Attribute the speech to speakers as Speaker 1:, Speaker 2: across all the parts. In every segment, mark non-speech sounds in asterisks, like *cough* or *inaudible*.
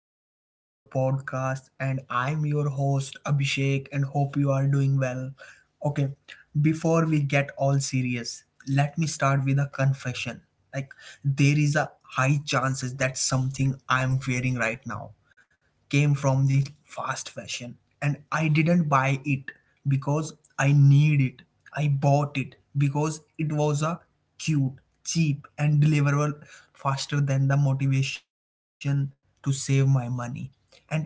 Speaker 1: Welcome back to our podcast. And I'm your host, Abhishek, and hope you are doing well. Okay, before we get all serious, let me start with a confession. Like, there is a high chances that something I'm wearing right now came from the fast fashion and I didn't buy it because I need it. I bought it because it was a cute, cheap and deliverable faster than the motivation to save my money. And I think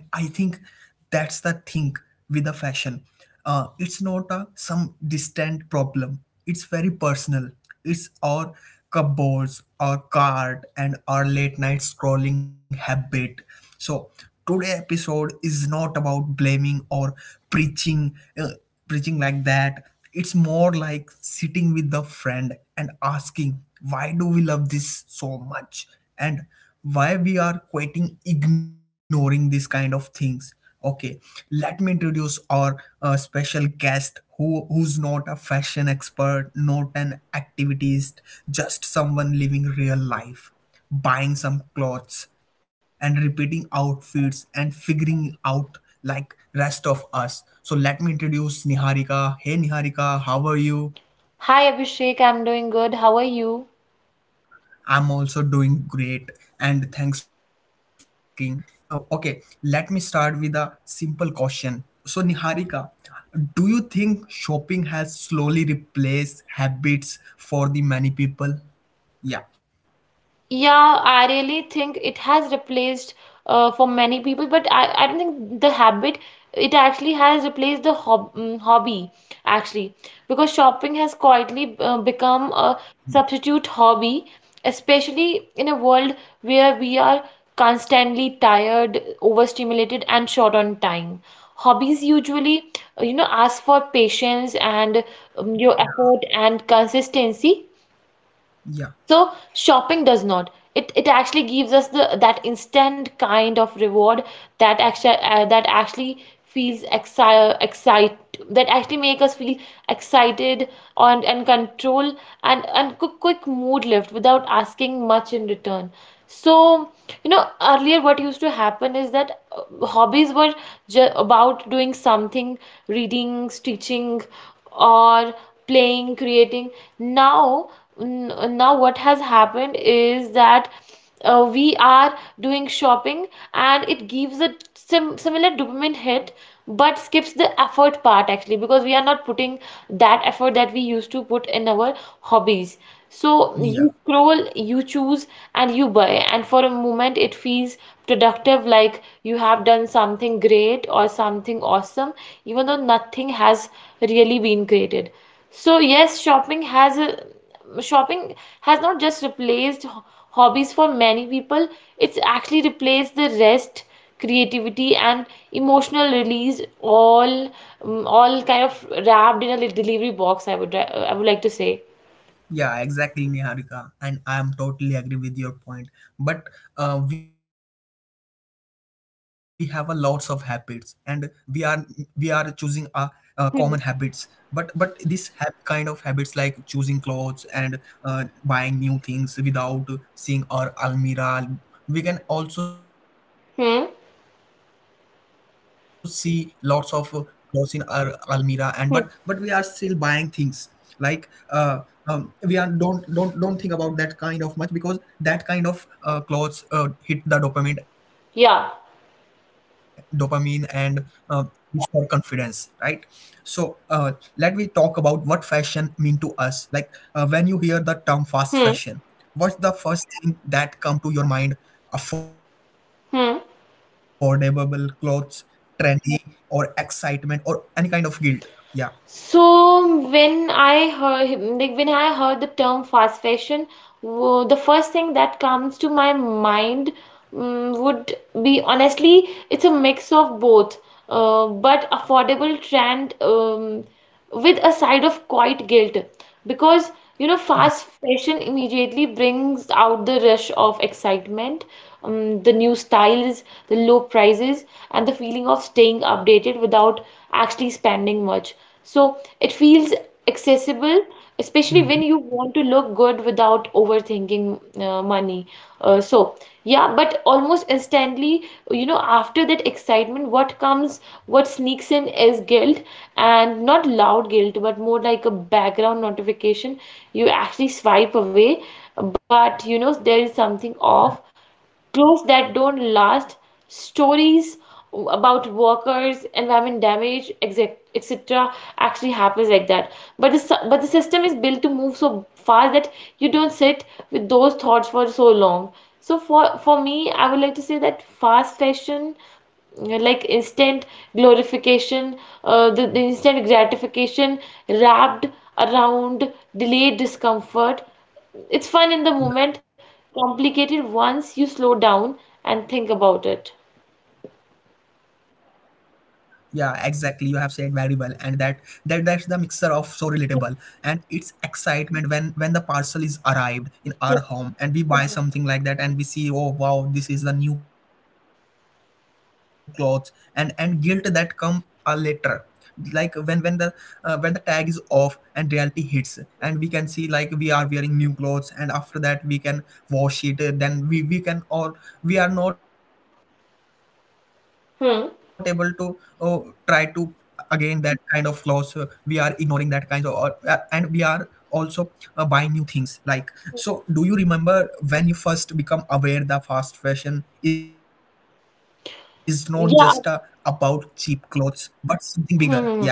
Speaker 1: that's the thing with the fashion. It's not a some distant problem. It's very personal. It's our cupboards, our cart, and our late night scrolling habit, so today episode is not about blaming or preaching uh, preaching like that. It's more like sitting with a friend and asking, why do we love this so much? And why we are quitting ignoring these kind of things. Okay, let me introduce our special guest who's not a fashion expert, not an activist, just someone living real life buying some clothes and repeating outfits and figuring out like rest of us. So let me introduce Niharika. Hey Niharika, how are you?
Speaker 2: Hi Abhishek, I'm doing good. How are you?
Speaker 1: I'm also doing great, and thanks for asking. Oh, okay, let me start with a simple question. So Niharika, do you think shopping has slowly replaced habits for the many people? Yeah.
Speaker 2: Yeah, I really think it has replaced for many people, but I don't think the habit it actually has replaced the hobby actually, because shopping has quietly become a substitute hobby, especially in a world where we are constantly tired, overstimulated, and short on time. Hobbies usually, ask for patience and your effort and consistency,
Speaker 1: Yeah.
Speaker 2: so shopping does not. It actually gives us the that instant kind of reward that actually feels exci excite that actually make us feel excited, and control, and quick mood lift without asking much in return. So, you know, earlier what used to happen is that hobbies were ju about doing something, reading, stitching, or playing, creating. Now, now what has happened is that we are doing shopping, and it gives a similar dopamine hit, but skips the effort part actually, because we are not putting that effort that we used to put in our hobbies. So
Speaker 1: Yeah.
Speaker 2: you scroll, you choose, and you buy, and for a moment it feels productive, like you have done something great or something awesome, even though nothing has really been created. So yes, shopping has a, shopping has not just replaced hobbies for many people, it's actually replaced the rest, creativity, and emotional release, all kind of wrapped in a delivery box, I would like to say.
Speaker 1: Yeah, exactly, Niharika. And I am totally agree with your point. But we have a lots of habits, and we are we are choosing a, common habits. But kind of habits like choosing clothes and buying new things without seeing our almirah. We can also see lots of
Speaker 2: Hmm.
Speaker 1: clothes in our almirah, and but we are still buying things like,
Speaker 2: Hmm.
Speaker 1: we are don't think about that kind of much, because that kind of clothes hit the dopamine and uh,
Speaker 2: Yeah.
Speaker 1: restore confidence, right? So, let we talk about what fashion mean to us, like when you hear the term fast fashion, what's
Speaker 2: Hmm.
Speaker 1: the first thing that come to your mind? Affordable clothes,
Speaker 2: Hmm.
Speaker 1: trendy, or excitement, or any kind of guilt? Yeah.
Speaker 2: So when I heard, like when I heard the term fast fashion, the first thing that comes to my mind would be, honestly, it's a mix of both. But affordable trend, with a side of quiet guilt, because, you know,
Speaker 1: Yeah.
Speaker 2: fast fashion immediately brings out the rush of excitement, the new styles, the low prices, and the feeling of staying updated without actually spending much. So it feels accessible, especially when
Speaker 1: Hmm.
Speaker 2: you want to look good without overthinking money, so yeah, but almost instantly, you know, after that excitement, what comes, what sneaks in is guilt, and not loud guilt, but more like a background notification. You actually swipe away, but you know, there is something off, clothes that don't last, stories about workers, environment damage, exec- etc. actually happens like that. But the but the system is built to move so fast that you don't sit with those thoughts for so long. So for me, I would like to say that fast fashion, you know, like instant glorification, the instant gratification wrapped around delayed discomfort. It's fun in the moment, complicated once you slow down and think about it.
Speaker 1: Yeah, exactly. You have said very well, and that's the mixer of so relatable. And it's excitement when the parcel is arrived in our home and we buy something like that and we see, oh wow, this is the new clothes. And guilt that come later, like when the tag is off and reality hits. And we can see like we are wearing new clothes, and after that we can wash it, then we can, or we are not able to try to
Speaker 2: Hmm.
Speaker 1: again that kind of clothes. We are ignoring that kinds of and we are also buying new things like, so do you remember when you first become aware the fast fashion is not just about cheap clothes
Speaker 2: Yeah.
Speaker 1: but something bigger? Yeah
Speaker 2: Hmm.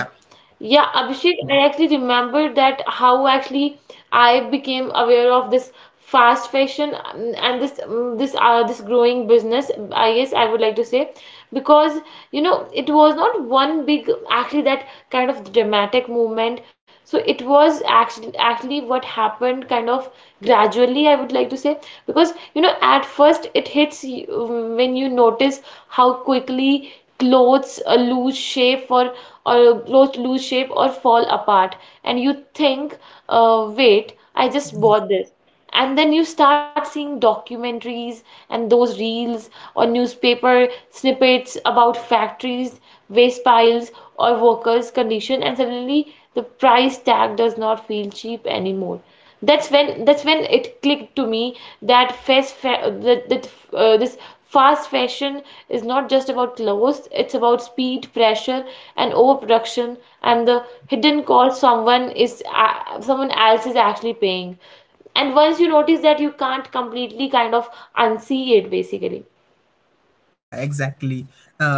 Speaker 2: Yeah,
Speaker 1: yeah.
Speaker 2: Abhishek, I actually remember that how actually I became aware of this fast fashion, and this this this growing business, I guess, I would like to say. Because, you know, it was not one big actually that kind of dramatic movement. So it was actually what happened kind of gradually, I would like to say, because, you know, at first it hits you when you notice how quickly clothes lose shape or clothes lose shape or fall apart, and you think, wait, I just bought this. And then you start seeing documentaries and those reels or newspaper snippets about factories, waste piles, or workers condition, and suddenly the price tag does not feel cheap anymore. That's when it clicked to me that fast fa- that, that this fast fashion is not just about clothes, it's about speed, pressure, and overproduction, and the hidden cost someone else is actually paying. And once you notice that, you can't completely kind of unsee it, basically.
Speaker 1: Yeah, exactly. uh,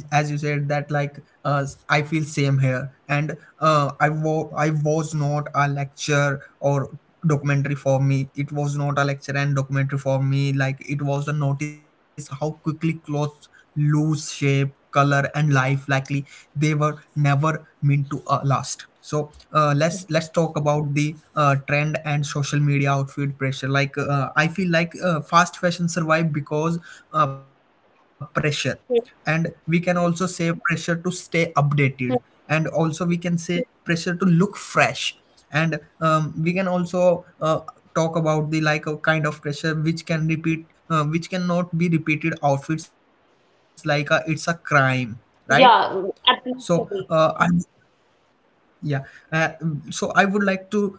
Speaker 1: as you said that, like I feel same here. And I was not a lecture or documentary for me. It was not a lecture and documentary for me, like it was a notice how quickly clothes lose shape, color, and life. Likely, they were never meant to last. So, let's talk about the trend and social media outfit pressure. Like, I feel like, fast fashion survived because, pressure,
Speaker 2: Hmm.
Speaker 1: and we can also say pressure to stay updated, and also we can say pressure to look fresh, and we can also talk about the, like a kind of pressure which can repeat which cannot be repeated outfits, like, it's a crime, right?
Speaker 2: Yeah,
Speaker 1: So, I,
Speaker 2: absolutely.
Speaker 1: yeah, uh, so I would like to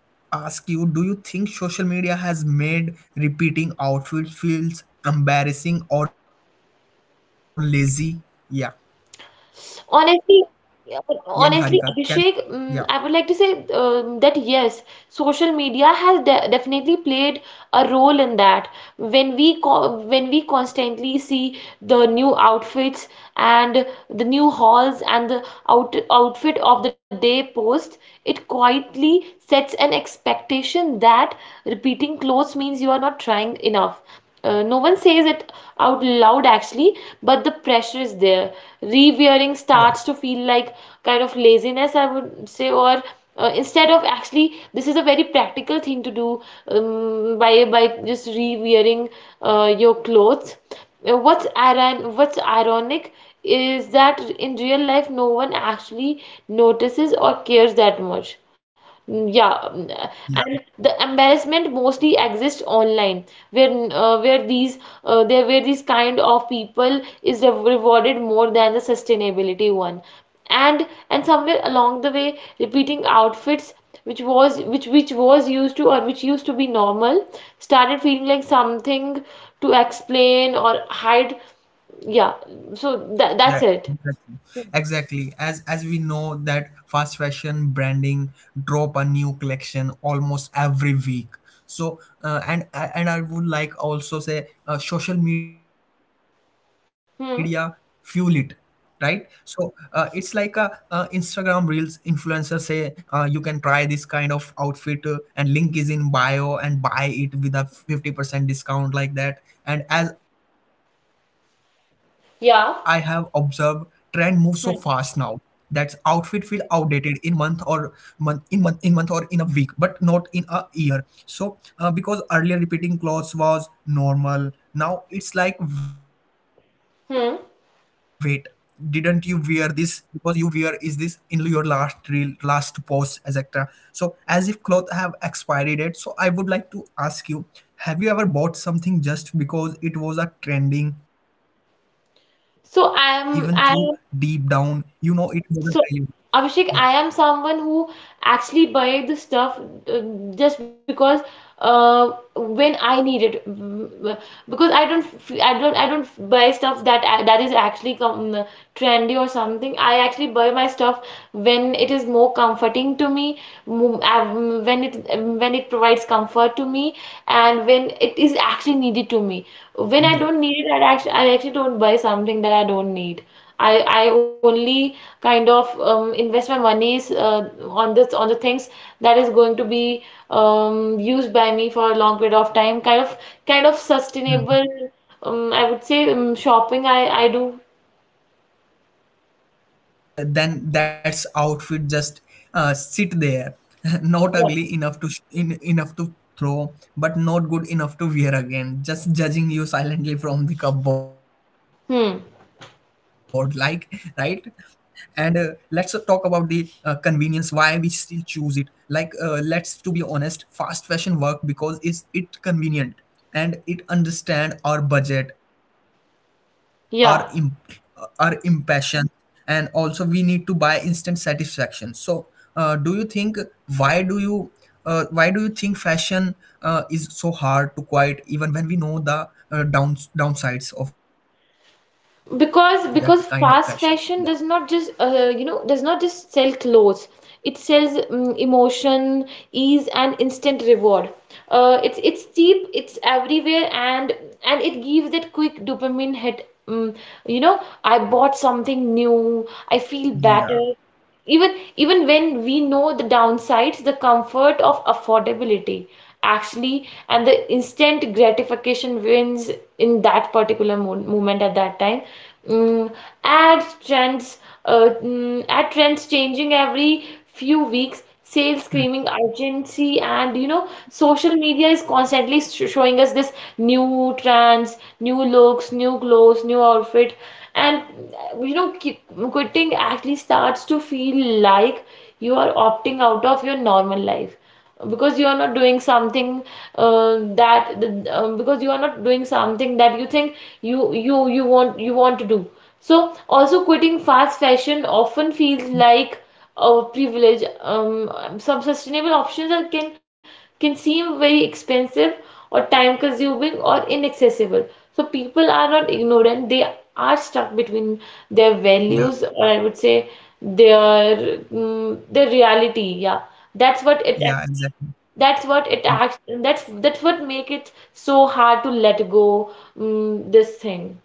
Speaker 1: ask you, do you think social media has made repeating outfits feels embarrassing or lazy? Yeah. Yani
Speaker 2: Honestly,
Speaker 1: Harika.
Speaker 2: yeah,
Speaker 1: Can
Speaker 2: but
Speaker 1: yeah,
Speaker 2: honestly, Abhishek, I would like to say that yes, social media has de definitely played a role in that. When we co when we constantly see the new outfits and the new hauls and the outfit of the day post, it quietly sets an expectation that repeating clothes means you are not trying enough. No one says it out loud actually, but the pressure is there. Rewearing
Speaker 1: yeah,
Speaker 2: starts to feel like kind of laziness, I would say, or instead of actually, this is a very practical thing to do, by just rewearing your clothes. What's ironic is that in real life, no one actually notices or cares that much. Yeah.
Speaker 1: yeah.
Speaker 2: And the embarrassment mostly exists online, where these there where these kind of people is rewarded more than the sustainability one, and somewhere along the way, repeating outfits, which was used to, or which used to be normal, started feeling like something to explain or hide.
Speaker 1: Mm.
Speaker 2: Yeah, so that's
Speaker 1: Yeah,
Speaker 2: it.
Speaker 1: exactly. Exactly. As we know that fast fashion branding drop a new collection almost every week. So, and I would like also say, social media fuel it,
Speaker 2: Hmm.
Speaker 1: right? So, it's like a, Instagram reels influencer say, you can try this kind of outfit, and link is in bio and buy it with a 50% discount like that. And as I have observed, trend moves so
Speaker 2: Yeah.
Speaker 1: fast now that outfit feel
Speaker 2: Hmm.
Speaker 1: outdated in month, or month in month in month, or in a week but not in a year. So, because earlier repeating clothes was normal, now it's like, wait, didn't you wear
Speaker 2: Hmm.
Speaker 1: this, because you wear is this in your last reel, last post, etc., so as if clothes have expiry date. So I would like to ask you, have you ever bought something just because it was a trending, even through deep down,
Speaker 2: So
Speaker 1: you know it
Speaker 2: I'm I
Speaker 1: wasn't really? Yeah.
Speaker 2: So, Abhishek, I am someone who actually buy the stuff uh, just because when I need it. Because I don't, I don't buy stuff that that is actually com trendy or something. I actually buy my stuff when it is more comforting to me, mo- um, when it when it provides comfort to me, and when it is actually needed to me. When I
Speaker 1: Yeah.
Speaker 2: don't need it, I actually don't buy something that I don't need. I only kind of invest my monies on the things that is going to be used by me for a long period of time. Kind of
Speaker 1: Hmm.
Speaker 2: sustainable. I would say shopping. I do.
Speaker 1: Yeah, and then that's outfit just sit there, *laughs* not
Speaker 2: Yeah.
Speaker 1: ugly enough to throw, but not good enough to wear again. Just judging you silently from the cupboard, like, right.
Speaker 2: Hmm.
Speaker 1: And, let's talk about the, convenience. Why we still choose it? Like, let's to be honest, fast fashion work because is it convenient, and it understand our budget, our imp- our
Speaker 2: Yeah.
Speaker 1: impassion, and also we need to buy instant satisfaction. So, do you think, why do you why do you think fashion is so hard to quiet even when we know the downsides of that kind of fashion? Yeah.
Speaker 2: Because fast fashion does not just does not just sell clothes, it sells emotion, ease, and instant reward. It's cheap, it's everywhere, and it gives that quick dopamine hit. You know, I bought something new, I feel
Speaker 1: Yeah.
Speaker 2: better. Even when we know the downsides, the comfort of affordability actually and the instant gratification wins in that particular moment at that time. mm, ad trends Ad trends changing every few weeks, sales screaming urgency, and you know, social media is constantly showing us this new trends, new looks, new clothes, new outfit. And uh, you know keep, quitting actually starts to feel like you are opting out of your normal life, because you are not doing something that th- because you are not doing something that you think you want to do. So
Speaker 1: Hmm.
Speaker 2: also, quitting fast fashion often feels like a privilege. Some sustainable options can seem very expensive or time consuming or inaccessible. So people are
Speaker 1: Yeah.
Speaker 2: not ignorant, they are stuck between their values, or I would say their their reality. Yeah, that's
Speaker 1: Yeah,
Speaker 2: what it
Speaker 1: exactly.
Speaker 2: actually that's what it act that's what make it so hard to let go, this thing.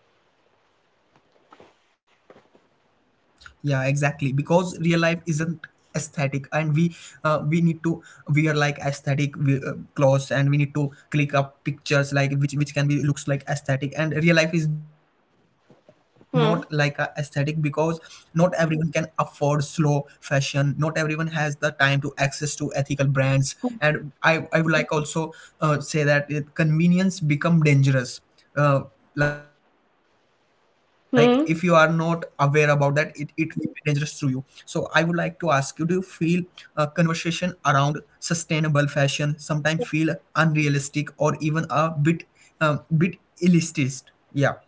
Speaker 1: Yeah, exactly, because real life isn't aesthetic, and we need to wear like aesthetic clothes, and we need to click up pictures, like which can be looks like aesthetic, and real life is not like a aesthetic. Because
Speaker 2: Hmm.
Speaker 1: not everyone can afford slow fashion, not everyone has the time to access to ethical brands. And I would like also say that it, convenience become dangerous, uh, like if you are not aware about that,
Speaker 2: Hmm.
Speaker 1: it will be dangerous to you. So I would like to ask you, do you feel conversation around sustainable fashion sometimes feel unrealistic, or even a bit elitist? Yeah.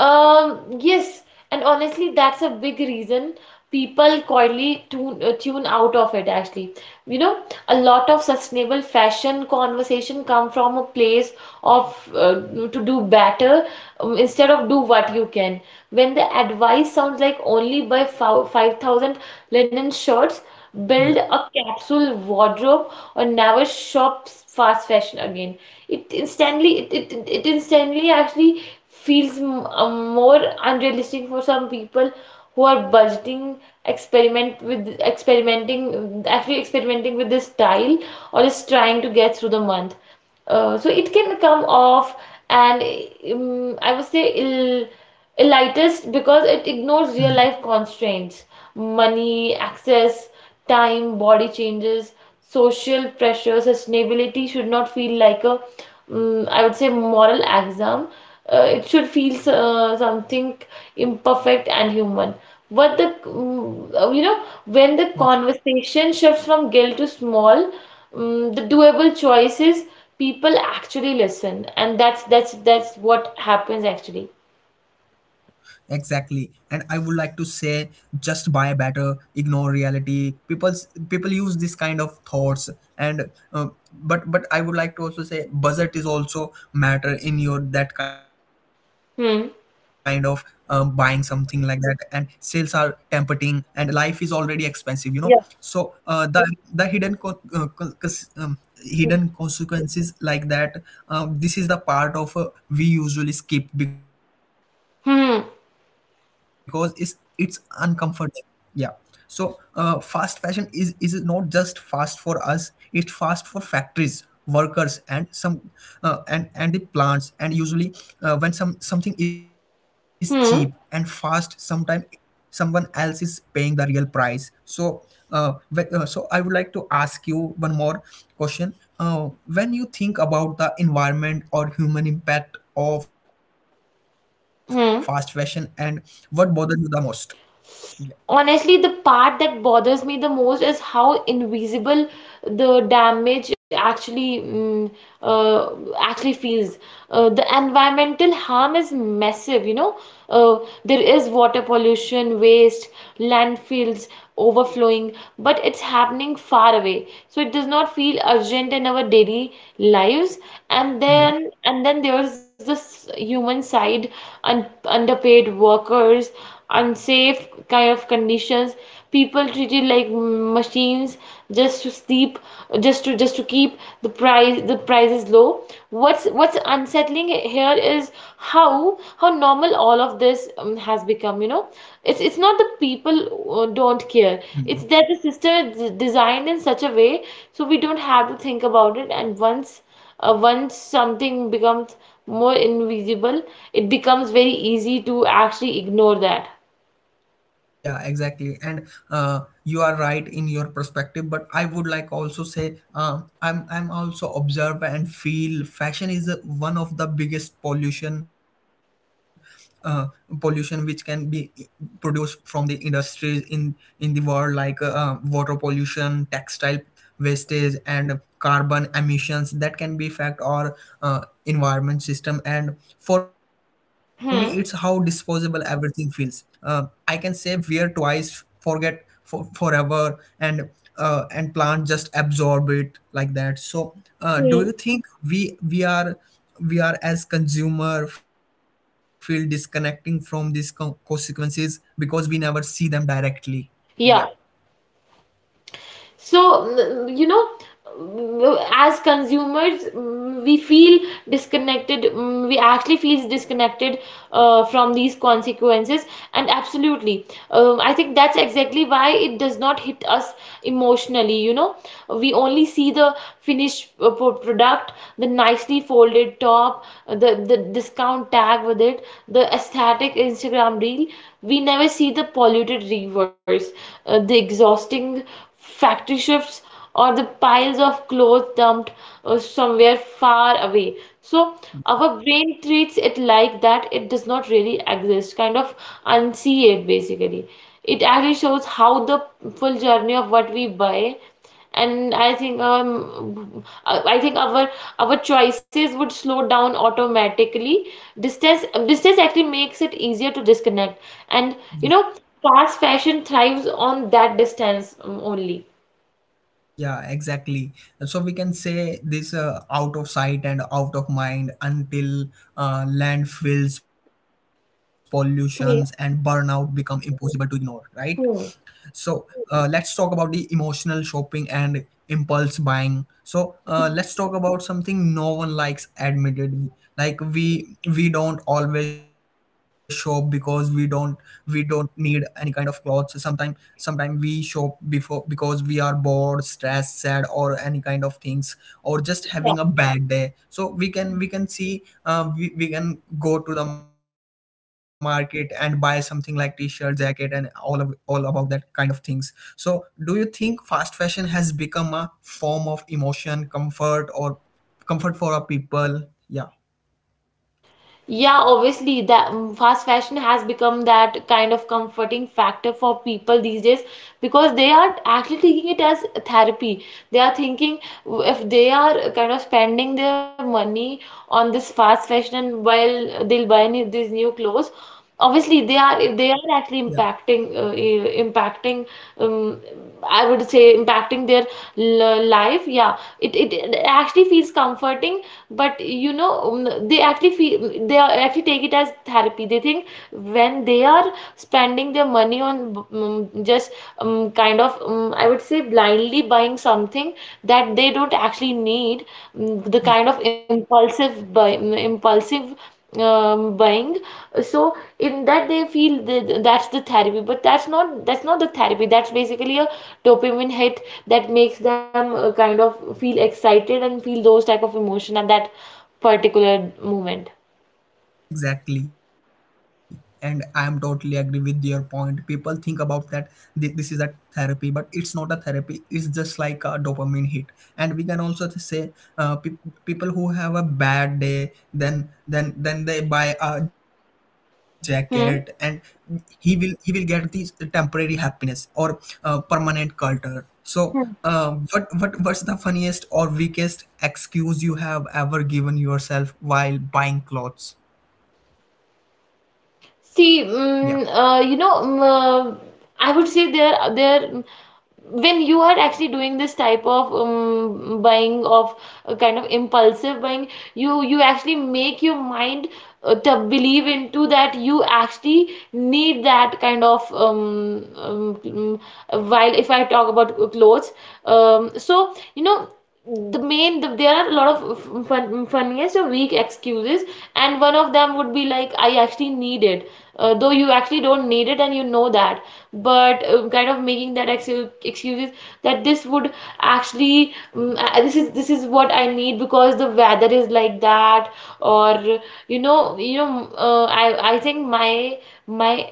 Speaker 2: Yes, and honestly, that's a big reason people quietly tune out of it actually. You know, a lot of sustainable fashion conversation come from a place of to do better, instead of do what you can. When the advice sounds like only buy 5,000 linen shirts, build
Speaker 1: Yeah.
Speaker 2: a capsule wardrobe, or never shop fast fashion again, it instantly it, it, it it instantly actually feels more unrealistic for some people who are budgeting, experimenting actually, experimenting with this style, or is trying to get through the month. So it can come off and I would say
Speaker 1: Hmm.
Speaker 2: ill elitist, because it ignores real life constraints: money, access, time, body changes, social pressure. Sustainability should not feel like a, I would say, moral exam. It should feel something imperfect and human. You know, when the conversation shifts from guilt to small, the doable choices, people actually listen, and that's what happens actually.
Speaker 1: Exactly. And I would like to say, just buy better, ignore reality. People use this kind of thoughts, and but I would like to also say budget is also matter in your that kind of buying
Speaker 2: Hmm.
Speaker 1: something like that, and sales are tempting, and life is already expensive. So,
Speaker 2: Yeah.
Speaker 1: the hidden consequences like that, this is the part of we usually skip because it's
Speaker 2: Hmm.
Speaker 1: uncomfortable. Yeah. So, fast fashion is not just fast for us, it's fast for factories, workers, and some, and the plants. And usually, when something is cheap and fast,
Speaker 2: Hmm.
Speaker 1: sometimes someone else is paying the real price. So uh, wh- uh, so I would like to ask you one more question. When you think about the environment or human impact of fast fashion, and
Speaker 2: Hmm.
Speaker 1: what bothers you the most?
Speaker 2: Honestly, the part that bothers me the most is how invisible the damage actually uh, actually feels. The environmental harm is massive uh, there is water pollution, waste, landfills overflowing, but it's happening far away, so it does not feel urgent in our daily lives. And then there's this human side. Underpaid workers, unsafe kind of conditions, people treated like machines, just to sleep, just to keep the prices low. What's unsettling here is how normal all of this has become. It's not the people don't care,
Speaker 1: Yeah.
Speaker 2: it's that the system is designed in such a way so we don't have to think about it. And once once something becomes more invisible, it becomes very easy to actually ignore that.
Speaker 1: Yeah, exactly. And, you are right in your perspective, but I would like also say, I'm also observe and feel fashion is one of the biggest pollution, uh, pollution which can be produced from the industries in the world, like water pollution, textile wastage, and carbon emissions that can be affect our environment system. And for me, it's how disposable
Speaker 2: Hmm.
Speaker 1: everything feels. uh, I can say wear twice, forget for forever, and and plant just absorb it like that. So, do
Speaker 2: Hmm.
Speaker 1: you think we are as consumer feel disconnecting from these consequences because we never see them directly? Yeah.
Speaker 2: Yeah, so mm, you know as consumers, we feel disconnected, we actually feel disconnected from these consequences. And absolutely, I think that's exactly why it does not hit us emotionally, we only see the finished product, the nicely folded top, the discount tag with it, the aesthetic Instagram reel. We never see the polluted reverse, the exhausting factory shifts, or the piles of clothes dumped somewhere far away. So our brain treats it like that, it does not really exist, kind of unsee it basically. It actually shows how the full journey of what we buy, and I think our choices would slow down automatically. Distance actually makes it easier to disconnect, and you know fast fashion thrives on that distance only.
Speaker 1: Yeah, exactly. So we can say this, out of sight and out of mind, until landfills, pollutions, and burnout
Speaker 2: Hmm.
Speaker 1: become impossible to ignore, right?
Speaker 2: Hmm.
Speaker 1: So, let's talk about the emotional shopping and impulse buying. So, let's talk about something no one likes admittedly, like we don't always shop because we don't need any kind of clothes. Sometimes we shop before because we are bored, stressed, sad, or any kind of things, or just having a bad day. So we can see, we can go to the market and buy something like t-shirt, jacket, and all about that kind of things. So do you think fast fashion has become a form of emotion comfort, or comfort for our people? Yeah.
Speaker 2: Yeah, obviously, fast fashion has become that kind of comforting factor for people these days, because they are actually taking it as a therapy. They are thinking, if they are kind of spending their money on this fast fashion, while they'll buy new, these new clothes.
Speaker 1: Yeah.
Speaker 2: Obviously, they are actually impacting, impacting, um, I would say, impacting their life. Yeah, it actually feels comforting, but they actually feel, they are actually take it as therapy. They think when they are spending their money on just I would say blindly buying something that they don't actually need, the kind of impulsive buy, impulsive buying. So in that they feel that that's the therapy, but that's not the therapy, that's basically a dopamine hit that makes them kind of feel excited and feel those type of emotion at that particular moment.
Speaker 1: Exactly. And I am totally agree with your point. People think about that, this is a therapy, but it's not a therapy. It's just like a dopamine hit. And we can also to say uh, pe- people who have a bad day, then they buy a jacket, and
Speaker 2: Hmm.
Speaker 1: he will get the temporary happiness or permanent culture. So. What's the funniest or weakest excuse you have ever given yourself while buying clothes? Yeah.
Speaker 2: See, mm, you know, mm, I would say there, there, mm, when you are actually doing this type of buying of kind of impulsive buying, you actually make your mind to believe into that you actually need that kind of while if I talk about clothes, so you know the there are a lot of funniest or weak excuses. And one of them would be like, I actually need it, though you actually don't need it and you know that. But kind of making that excuses that this would actually this is what I need because the weather is like that. Or, you know you know uh,
Speaker 1: Yeah.
Speaker 2: i i think my my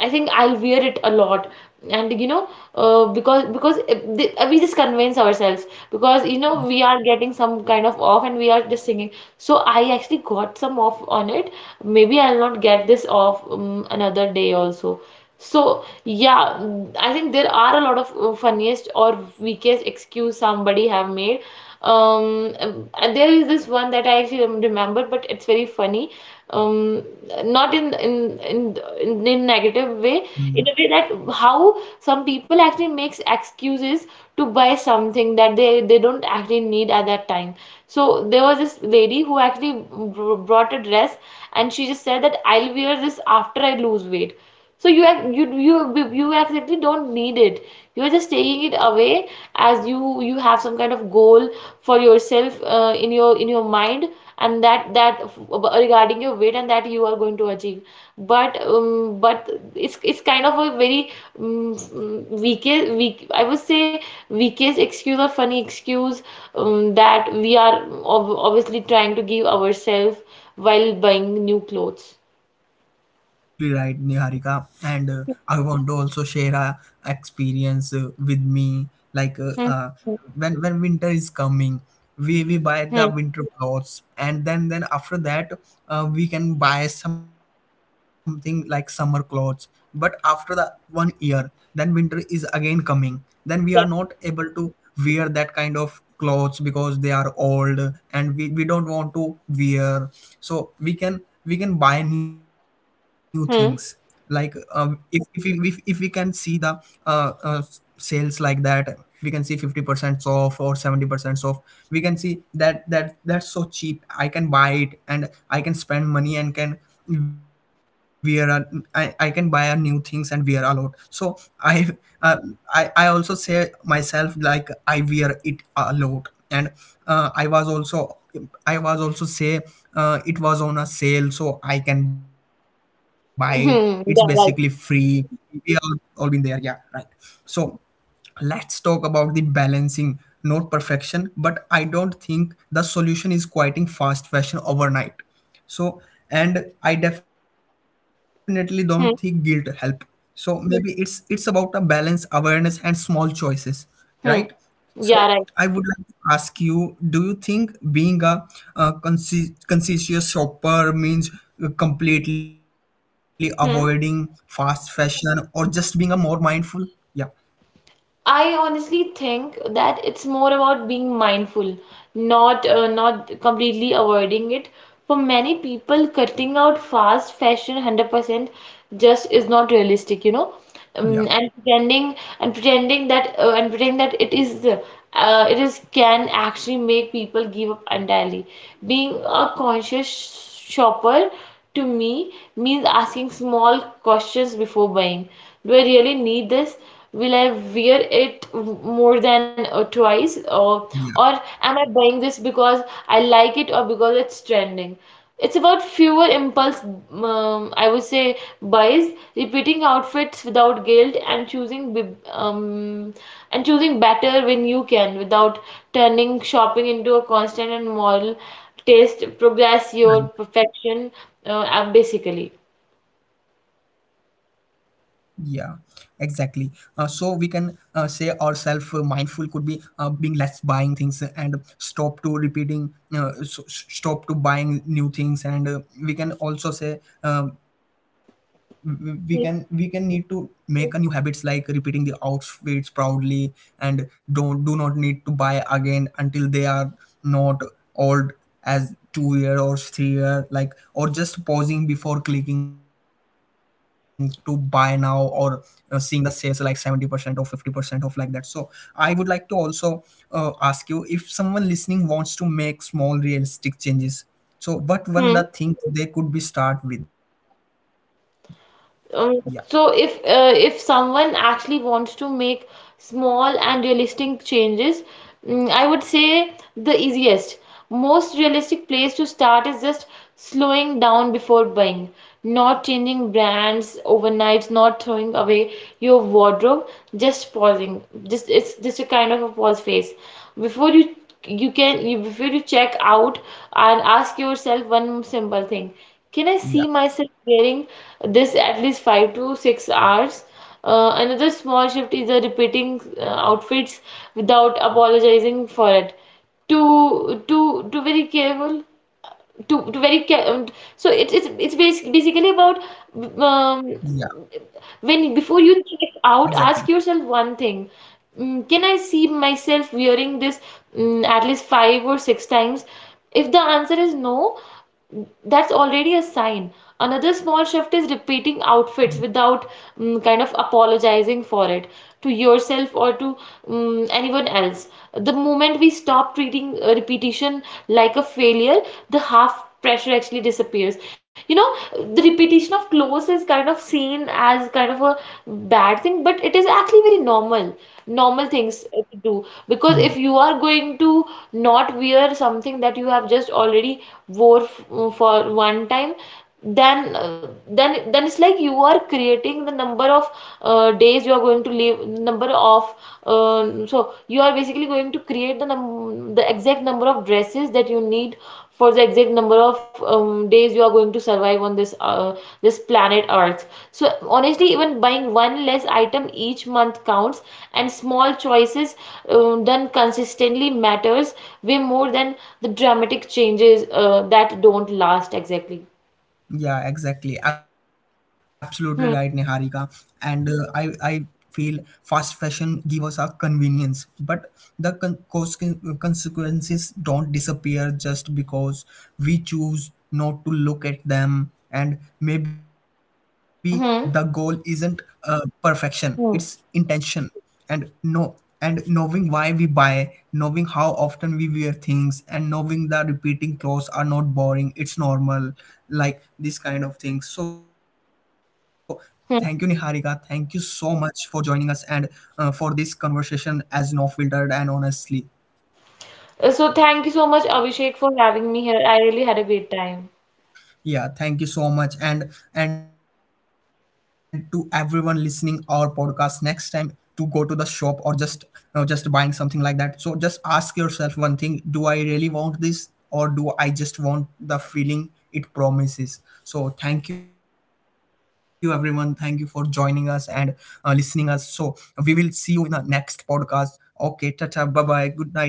Speaker 2: I think I'll wear it a lot. And, you know, we just convince ourselves because, you know, we are getting some kind of off and we are just singing. So I actually got some off on it. Maybe I'll not get this off another day also. So yeah, I think there are a lot of funniest or weakest excuse somebody have made. And there is this one that I actually remember, but it's very funny. Um, Not in in negative way,
Speaker 1: Mm.
Speaker 2: in a way that how some people actually makes excuses to buy something that they don't actually need at that time. So there was this lady who actually brought a dress, and she just said that I'll wear this after I lose weight. So you have, you exactly don't need it, you are just taking it away, as you have some kind of goal for yourself in your mind, and that regarding your weight, and that you are going to achieve. But but it's kind of a very um, weakest weak I would say weakest excuse or funny excuse that we are ob obviously trying to give ourselves while buying new clothes.
Speaker 1: Absolutely right, Niharika. And I want to also share a experience with me. Like
Speaker 2: Hmm,
Speaker 1: when winter is coming, we buy
Speaker 2: hmm,
Speaker 1: the winter clothes, and then after that, we can buy something like summer clothes. But after the 1 year, then winter is again coming. Then we are not able to wear that kind of clothes because they are old and we don't want to wear. So we can buy new things like
Speaker 2: hmm,
Speaker 1: if we can see the sales like that. We can see 50% off or 70% off. We can see that that's so cheap. I can buy it and I can spend money and can wear a, I can buy a new things and wear a lot. So uh, I also say myself like I wear it a lot. And uh, i was also I was also say it was on a sale so I can buy it. It's basically
Speaker 2: hmm, hmm.
Speaker 1: free.
Speaker 2: Yeah, right.
Speaker 1: We all been there. Yeah, right. So let's talk about the balancing, not perfection. But I don't think the solution is quieting fast fashion overnight. So and I definitely don't think guilt help.
Speaker 2: Hmm,
Speaker 1: So maybe it's about a balance awareness and small choices, right?
Speaker 2: hmm.
Speaker 1: So
Speaker 2: Yeah,
Speaker 1: I
Speaker 2: right.
Speaker 1: would like to ask you, do you think being a, conscientious shopper means completely avoiding
Speaker 2: Hmm.
Speaker 1: fast fashion or just being a more mindful? Yeah.
Speaker 2: I honestly think that it's more about being mindful, not not completely avoiding it. For many people, cutting out fast fashion 100% just is not realistic, you know. um, and pretending
Speaker 1: Yeah.
Speaker 2: and pretending that it is it is, can actually make people give up entirely. Being a conscious shopper, to me, means asking small questions before buying. Do I really need this? Will I wear it more than twice? Or, am I buying
Speaker 1: Yeah,
Speaker 2: this because I like it or because it's trending? It's about fewer impulse, I would say, buys, repeating outfits without guilt, and choosing better when you can, without turning shopping into a constant and moral taste. Progress your perfection,
Speaker 1: right.
Speaker 2: and basically.
Speaker 1: Yeah, exactly. So we can say ourselves, mindful could be being less buying things and stop to repeating, stop to buying new things, and we can also say, we can need to make a new habits like repeating the outfits proudly, and don't do not need to buy again until they are not old as 2 year or 3 year, like, or just pausing before clicking to buy now, or seeing the sales like 70% or 50% off like that. So I would like to also ask you, if someone listening wants to make small realistic changes, so what one
Speaker 2: Hmm.
Speaker 1: the thing they could be start with? Yeah.
Speaker 2: Um, so if someone actually wants to make small and realistic changes, I would say the easiest, most realistic place to start is just slowing down before buying, not changing brands overnight, not throwing away your wardrobe, just pausing. Just it's just a kind of a pause phase. Before you before you check out and ask yourself one simple thing. Can I
Speaker 1: Yeah.
Speaker 2: see myself wearing this at least 5 to 6 hours? Another small shift is the repeating outfits without apologizing for it. To very careful to very care So it's basically
Speaker 1: Yeah,
Speaker 2: about, um, when
Speaker 1: exactly.
Speaker 2: before you think it out, ask yourself one thing. Can I see myself wearing this at least five or six times? If the answer is no, that's already a sign. Another small shift is repeating outfits without, kind of, apologizing for it, to yourself or to anyone else. The moment we stop treating repetition like a failure, the half pressure actually disappears. You know, the repetition of clothes is kind of seen as kind of a bad thing, but it is actually very normal, normal
Speaker 1: Hmm.
Speaker 2: things to do. Because if you are going to not wear something that you have just already wore for one time, then it's like you are creating the number of days you are going to live, number of so you are basically going to create the num the exact number of dresses that you need for the exact number of days you are going to survive on this this planet Earth. So honestly, even buying one less item each month counts, and small choices done consistently matters way more than the dramatic changes that don't last exactly.
Speaker 1: Yeah, exactly. Absolutely right, Niharika.
Speaker 2: Hmm.
Speaker 1: And I feel fast fashion give us a convenience, but the consequences don't disappear just because we choose not to look at them. And maybe the goal isn't
Speaker 2: Hmm.
Speaker 1: perfection; it's
Speaker 2: Hmm.
Speaker 1: intention. And know and knowing why we buy, knowing how often we wear things, and knowing that repeating clothes are not boring, it's normal, like this kind of things. So thank you, Niharika, thank you so much for joining us, and for this conversation as no filtered and honestly.
Speaker 2: So thank you so much, Abhishek, for having me here. I really had a great time.
Speaker 1: Yeah, thank you so much. And to everyone listening our podcast next time to go to the shop, or just buying something like that. So just ask yourself one thing, do I really want this, or do I just want the feeling it promises? So thank you everyone, thank you for joining us, and listening us. So we will see you in the next podcast. Okay, tata, bye bye, good night.